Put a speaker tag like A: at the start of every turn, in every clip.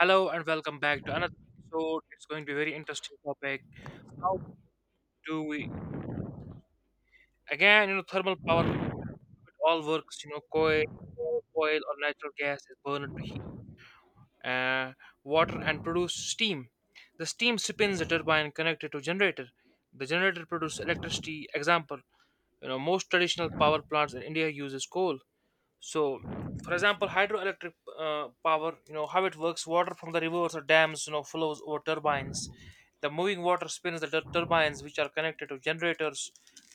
A: Hello and welcome back to another episode. It's going to be very interesting topic. How do we again, thermal power it all works, coal, oil or natural gas is burned to heat uh, water and produce steam. The steam spins a turbine connected to generator. The generator produces electricity. Example, most traditional power plants in India uses coal. So for example hydroelectric power, how it works, water from the rivers or dams, flows over turbines. The moving water spins the turbines, which are connected to generators.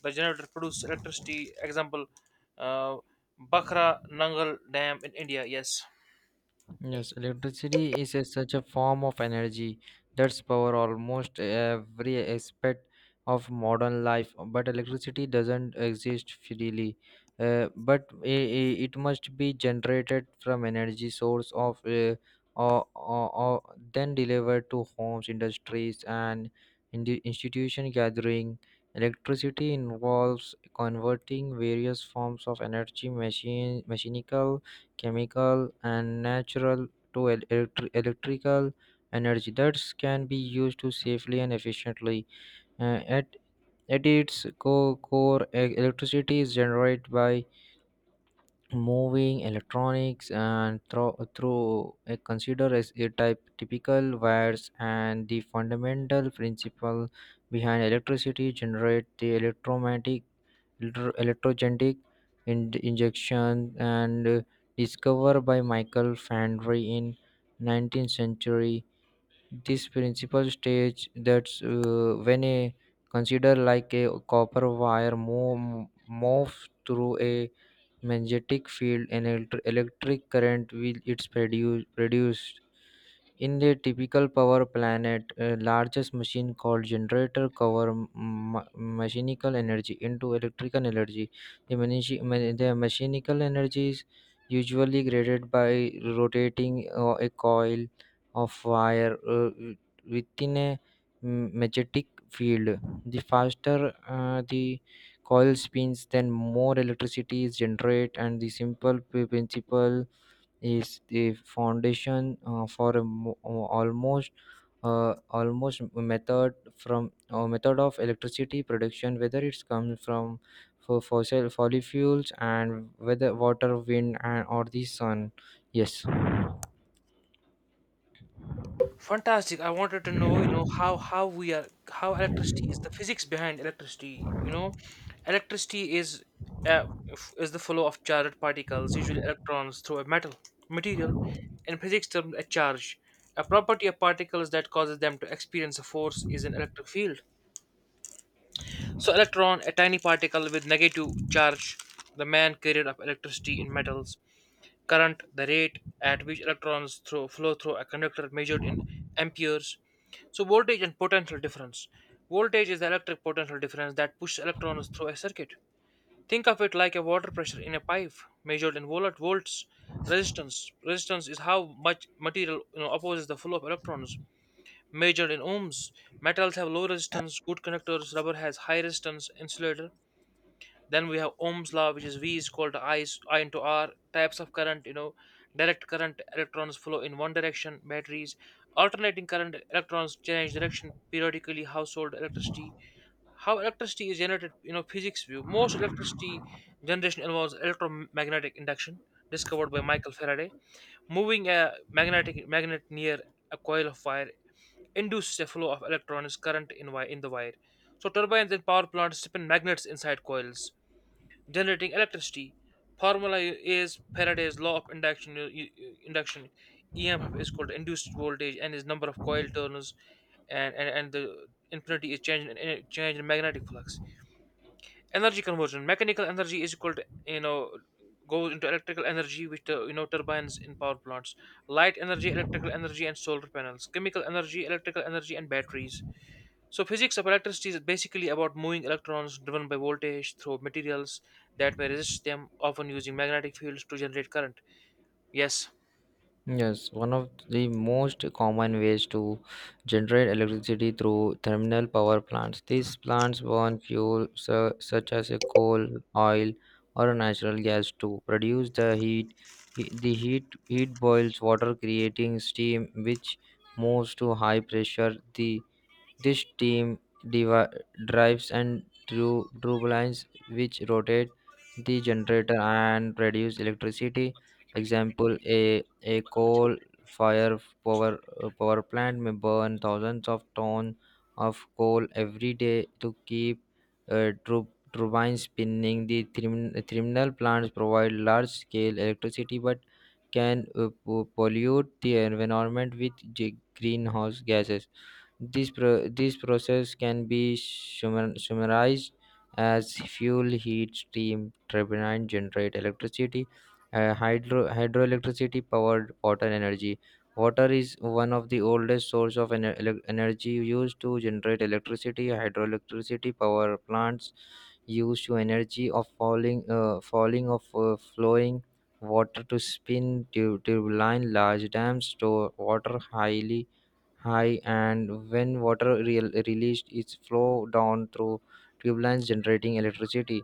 A: The generator produces electricity. Example, uh, Bakhra Nangal Dam in India. Yes.
B: Yes, electricity is a, such a form of energy that's power almost every aspect of modern life. But electricity doesn't exist freely. Uh, but i it must be generated from energy source of or then delivered to homes, industries, and in the institution gathering. Electricity involves converting various forms of energy, machine, mechanical chemical and natural to electrical energy that can be used to safely and efficiently. Uh, at at its core, electricity is generated by moving electronics and through a consider as a type typical wires, and the fundamental principle behind electricity generate the electromagnetic electrogenetic injection, and discovered by Michael Fandry in 19th century. This principal stage that's when a consider like a copper wire moves through a magnetic field, and electric current will it's produced in the typical power plant. A largest machine called generator cover mechanical energy into electrical energy. The mechanical energy is usually graded by rotating a coil of wire within a magnetic field. The faster the coil spins, then more electricity is generated, and the simple principle is the foundation for almost method from method of electricity production, whether it's comes from for fossil fuels, and whether water, wind, and or the sun. Yes.
A: Fantastic. I wanted to know, how we are how electricity is, the physics behind electricity. Electricity is uh, is the flow of charged particles, usually electrons, through a metal material. In physics terms, a charge. A property of particles that causes them to experience a force is an electric field. So, electron, a tiny particle with negative charge, the main carrier of electricity in metals. Current, the rate at which flow through a conductor, measured in amperes. So, voltage and potential difference. Voltage is the electric potential difference that pushes electrons through a circuit. Think of it like a water pressure in a pipe, measured in volts. Resistance. Resistance is how much material, opposes the flow of electrons, measured in ohms. Metals have low resistance, good conductors; rubber has high resistance, insulator. Then we have Ohm's law, which is V is equal to I, I into R. Types of current, direct current, electrons flow in one direction, batteries. Alternating current, electrons change direction periodically, household electricity. How electricity is generated, physics view. Most electricity generation involves electromagnetic induction, discovered by Michael Faraday. Moving a magnetic magnet near a coil of wire induces a flow of electrons current in the wire. So turbines and power plants spin magnets inside coils generating electricity. Formula is Faraday's law of induction. Induction EMF is called induced voltage, and is number of coil turns, and the infinity is change in change in magnetic flux. Energy conversion: mechanical energy is equal to, goes into electrical energy, which turbines in power plants. Light energy, electrical energy, and solar panels. Chemical energy, electrical energy, and batteries. So physics of electricity is basically about moving electrons driven by voltage through materials that may resist them, often using magnetic fields to generate current. Yes.
B: Yes, one of the most common ways to generate electricity through thermal power plants. These plants burn fuel su- such as a coal, oil, or natural gas to produce the heat. The heat boils water, creating steam, which moves to high pressure. The this team divi- Drives and drew lines which rotate the generator and produce electricity. Example: a coal fire power power plant may burn thousands of tons of coal every day to keep uh, tur- turbines spinning. The thermal plants provide large scale electricity, but can pollute the environment with greenhouse gases. This process can be summarized as fuel, heat, steam, turbine generate electricity. Hydroelectricity powered water energy. Water is one of the oldest source of energy used to generate electricity. Hydroelectricity power plants used to energy of falling of flowing water to spin turbine. Large dams store water highly high, and when water released its flow down through tubelines generating electricity.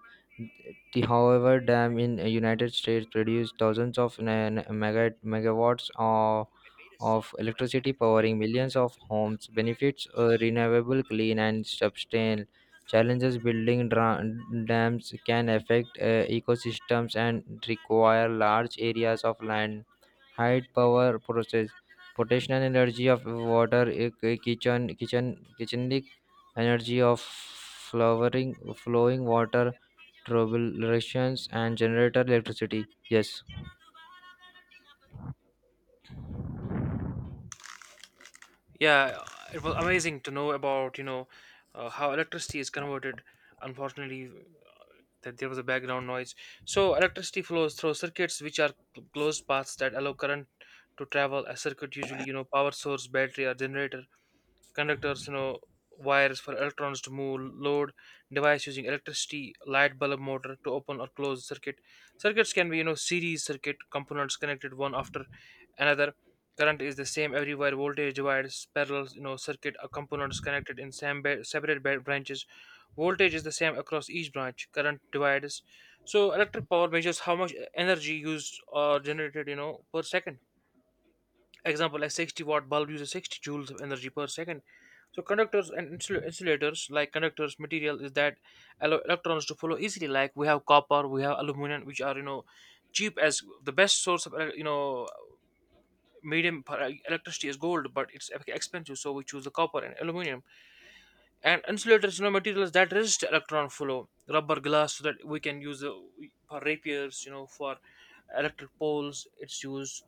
B: The however dam in united states produced thousands of megawatts of electricity, powering millions of homes. Benefits: a renewable, clean, and sustainable. Challenges: dams can affect ecosystems and require large areas of land. High power process potential energy of water kitchenic energy of flowering flowing water, turbulations and generator electricity. Yes.
A: Yeah, it was amazing to know about, how electricity is converted. Unfortunately, that there was a background noise. So electricity flows through circuits, which are closed paths that allow current to travel. A circuit usually, power source, battery, or generator, conductors, wires for electrons to move, load, device using electricity, light bulb motor to open or close circuit. Circuits can be, series circuit, components connected one after another. Current is the same everywhere. Voltage divides. Parallel, circuit components connected in separate branches. Voltage is the same across each branch. Current divides. So electric power measures how much energy used or generated, per second. Example, a 60-watt bulb uses 60 joules of energy per second. So conductors and insulators. Like conductors, material is that allow electrons to flow easily. Like we have copper, we have aluminum, which are, cheap, as the best source of medium for electricity is gold, but it's expensive, so we choose the copper and aluminum. And insulators, materials that resist electron flow, rubber, glass, so that we can use for rapiers, for electric poles. It's used.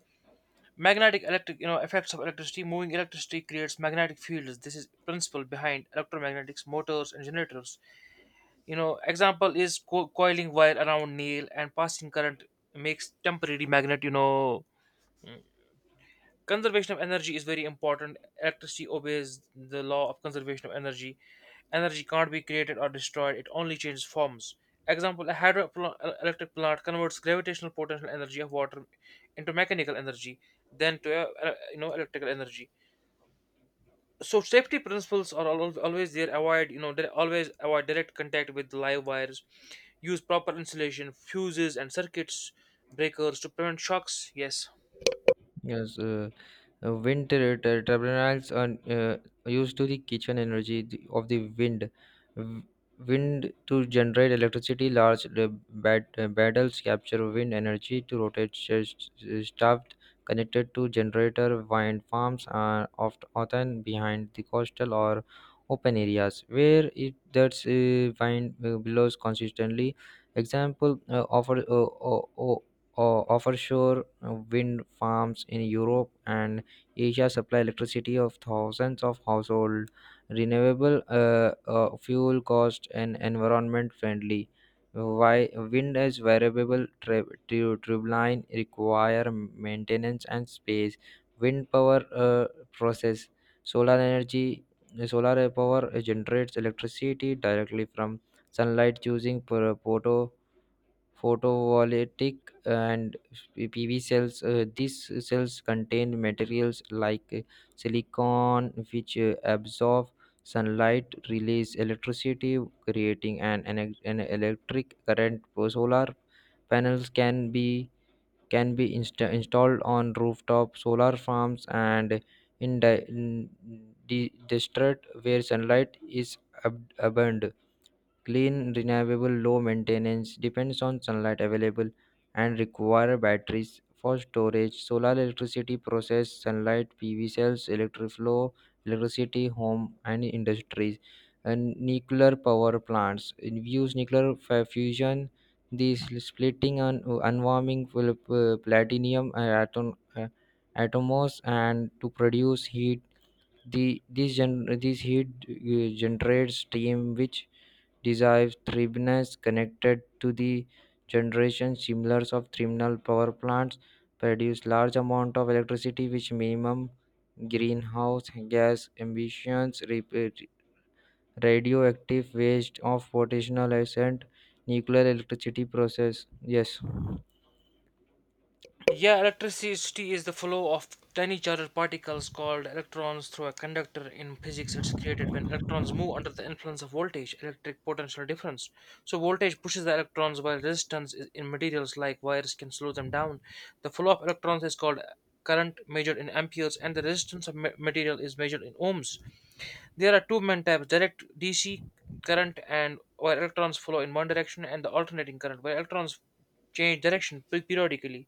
A: Magnetic electric, effects of electricity. Moving electricity creates magnetic fields. This is principle behind electromagnetics, motors, and generators. Example is coiling wire around nail and passing current makes temporary magnet. Conservation of energy is very important. Electricity obeys the law of conservation of energy. Energy can't be created or destroyed, it only changes forms. Example: a hydroelectric plant converts gravitational potential energy of water into mechanical energy, then to electrical energy. So safety principles are always there. Avoid, always avoid direct contact with live wires. Use proper insulation, fuses, and circuits breakers to prevent shocks. Yes.
B: Yes, turbines are used to the kitchen energy of the wind. W- Wind to generate electricity, large battles capture wind energy to rotate shaft connected to generator. Wind farms are often behind the coastal or open areas where it that's wind blows consistently. Example uh, offshore wind farms in Europe and Asia supply electricity of thousands of households. Renewable, fuel cost, and environment friendly. Why wind is variable, turbine require maintenance and space. Wind power process solar energy. Solar power generates electricity directly from sunlight using photovoltaic and PV cells. These cells contain materials like silicon, which absorb sunlight, release electricity, creating an electric current. Solar panels can be installed on rooftop solar farms and in district where sunlight is abundant. Clean, renewable, low maintenance, depends on sunlight available, and require batteries for storage. Solar electricity process: sunlight, PV cells, electric flow, electricity, home, and industries. And nuclear power plants use nuclear fusion. The splitting and unwarming platinum atom, atomos and to produce heat. This heat generates steam, which divisiveness connected to the generation similars of thermal power plants, produce large amount of electricity which minimum greenhouse gas emissions. Radioactive waste of potential ascent, nuclear electricity process. Yes.
A: Yeah, electricity is the flow of tiny charged particles called electrons through a conductor. In physics, it's created when electrons move under the influence of voltage, electric potential difference. So, voltage pushes the electrons, while resistance is in materials like wires can slow them down. The flow of electrons is called current, measured in amperes, and the resistance of material is measured in ohms. There are two main types: direct DC current, and where electrons flow in one direction, and the alternating current, where electrons change direction periodically.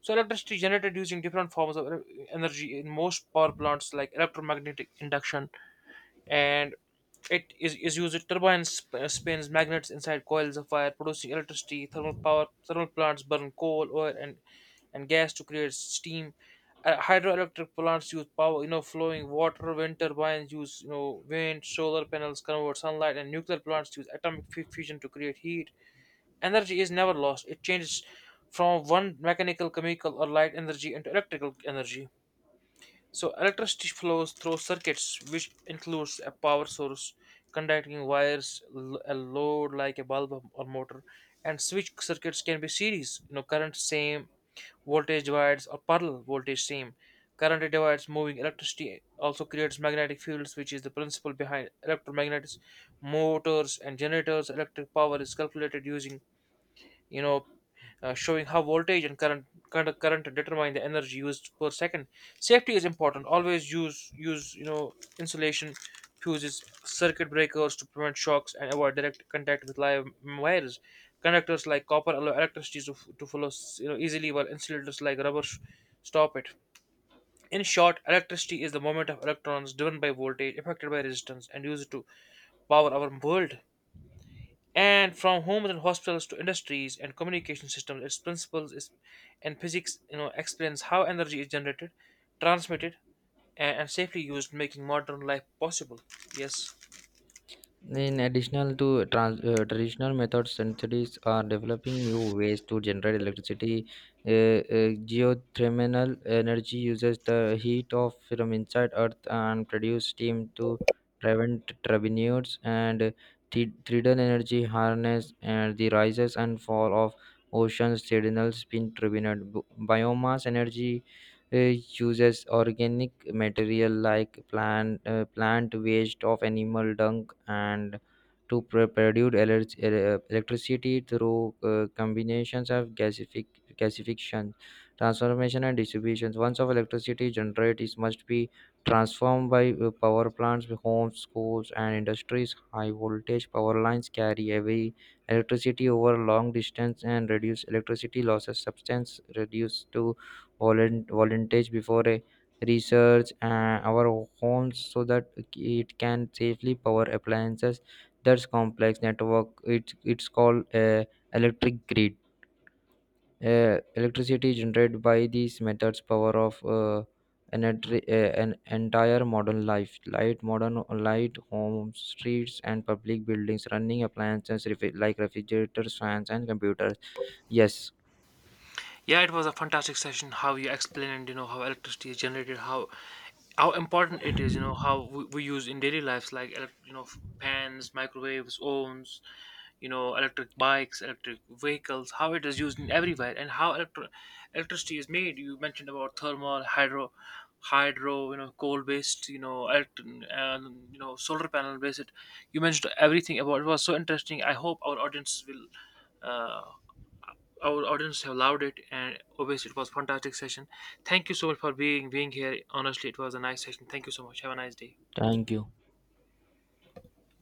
A: So electricity generated using different forms of energy in most power plants, like electromagnetic induction, and is used turbines spins magnets inside coils of fire producing electricity. Thermal power, thermal plants burn coal, oil, and gas to create steam. Hydroelectric plants use power, flowing water. Wind turbines use, wind. Solar panels convert sunlight, and nuclear plants use atomic fusion to create heat. Energy is never lost, it changes from one mechanical, chemical, or light energy into electrical energy. So, electricity flows through circuits, which includes a power source, conducting wires, a load like a bulb or motor, and switch. Circuits can be series, current same, voltage divides, or parallel, voltage same. Current divides. Moving electricity also creates magnetic fields, which is the principle behind electromagnets, motors, and generators. Electric power is calculated using, you know showing how voltage and current determine the energy used per second. Safety is important. Always use insulation, fuses, circuit breakers to prevent shocks, and avoid direct contact with live wires. Conductors like copper allow electricity to, to flow, easily, while insulators like rubber stop it. In short, electricity is the movement of electrons driven by voltage, affected by resistance, and used to power our world. And from homes and hospitals to industries and communication systems, its principles is, and physics, explains how energy is generated, transmitted, and safely used, making modern life possible. Yes.
B: In addition to traditional methods, scientists are developing new ways to generate electricity. Geothermal energy uses the heat of from inside Earth and produce steam to prevent turbines. And tidal energy harness and the rises and fall of oceans, tidal spin turbine. Biomass energy uh, uses organic material like plant waste of animal dung and to produce electricity through combinations of gasification, transformation, and distribution. Once of electricity generated, it must be transformed by power plants, homes, schools, and industries. High voltage power lines carry heavy electricity over long distance and reduce electricity losses, substance reduced to voluntage before a research our homes so that it can safely power appliances. That's complex network, it's called electric grid. Electricity generated by these methods, power of an entire modern life, light modern light homes, streets, and public buildings, running appliances like refrigerators, fans, and computers. Yes,
A: Yeah, it was a fantastic session. How you explained, how electricity is generated, how important it is, how we use in daily lives, like pans, microwaves, ovens, electric bikes, electric vehicles, how it is used in everywhere, and how electricity is made. You mentioned about thermal, hydro, hydro, coal based, and solar panel based. You mentioned everything about it. Was so interesting. I hope our audience will, uh, our audience have loved it, and obviously it was fantastic session. Thank you so much for being here. Honestly, it was a nice session. Thank you so much. Have a nice day.
B: thank you.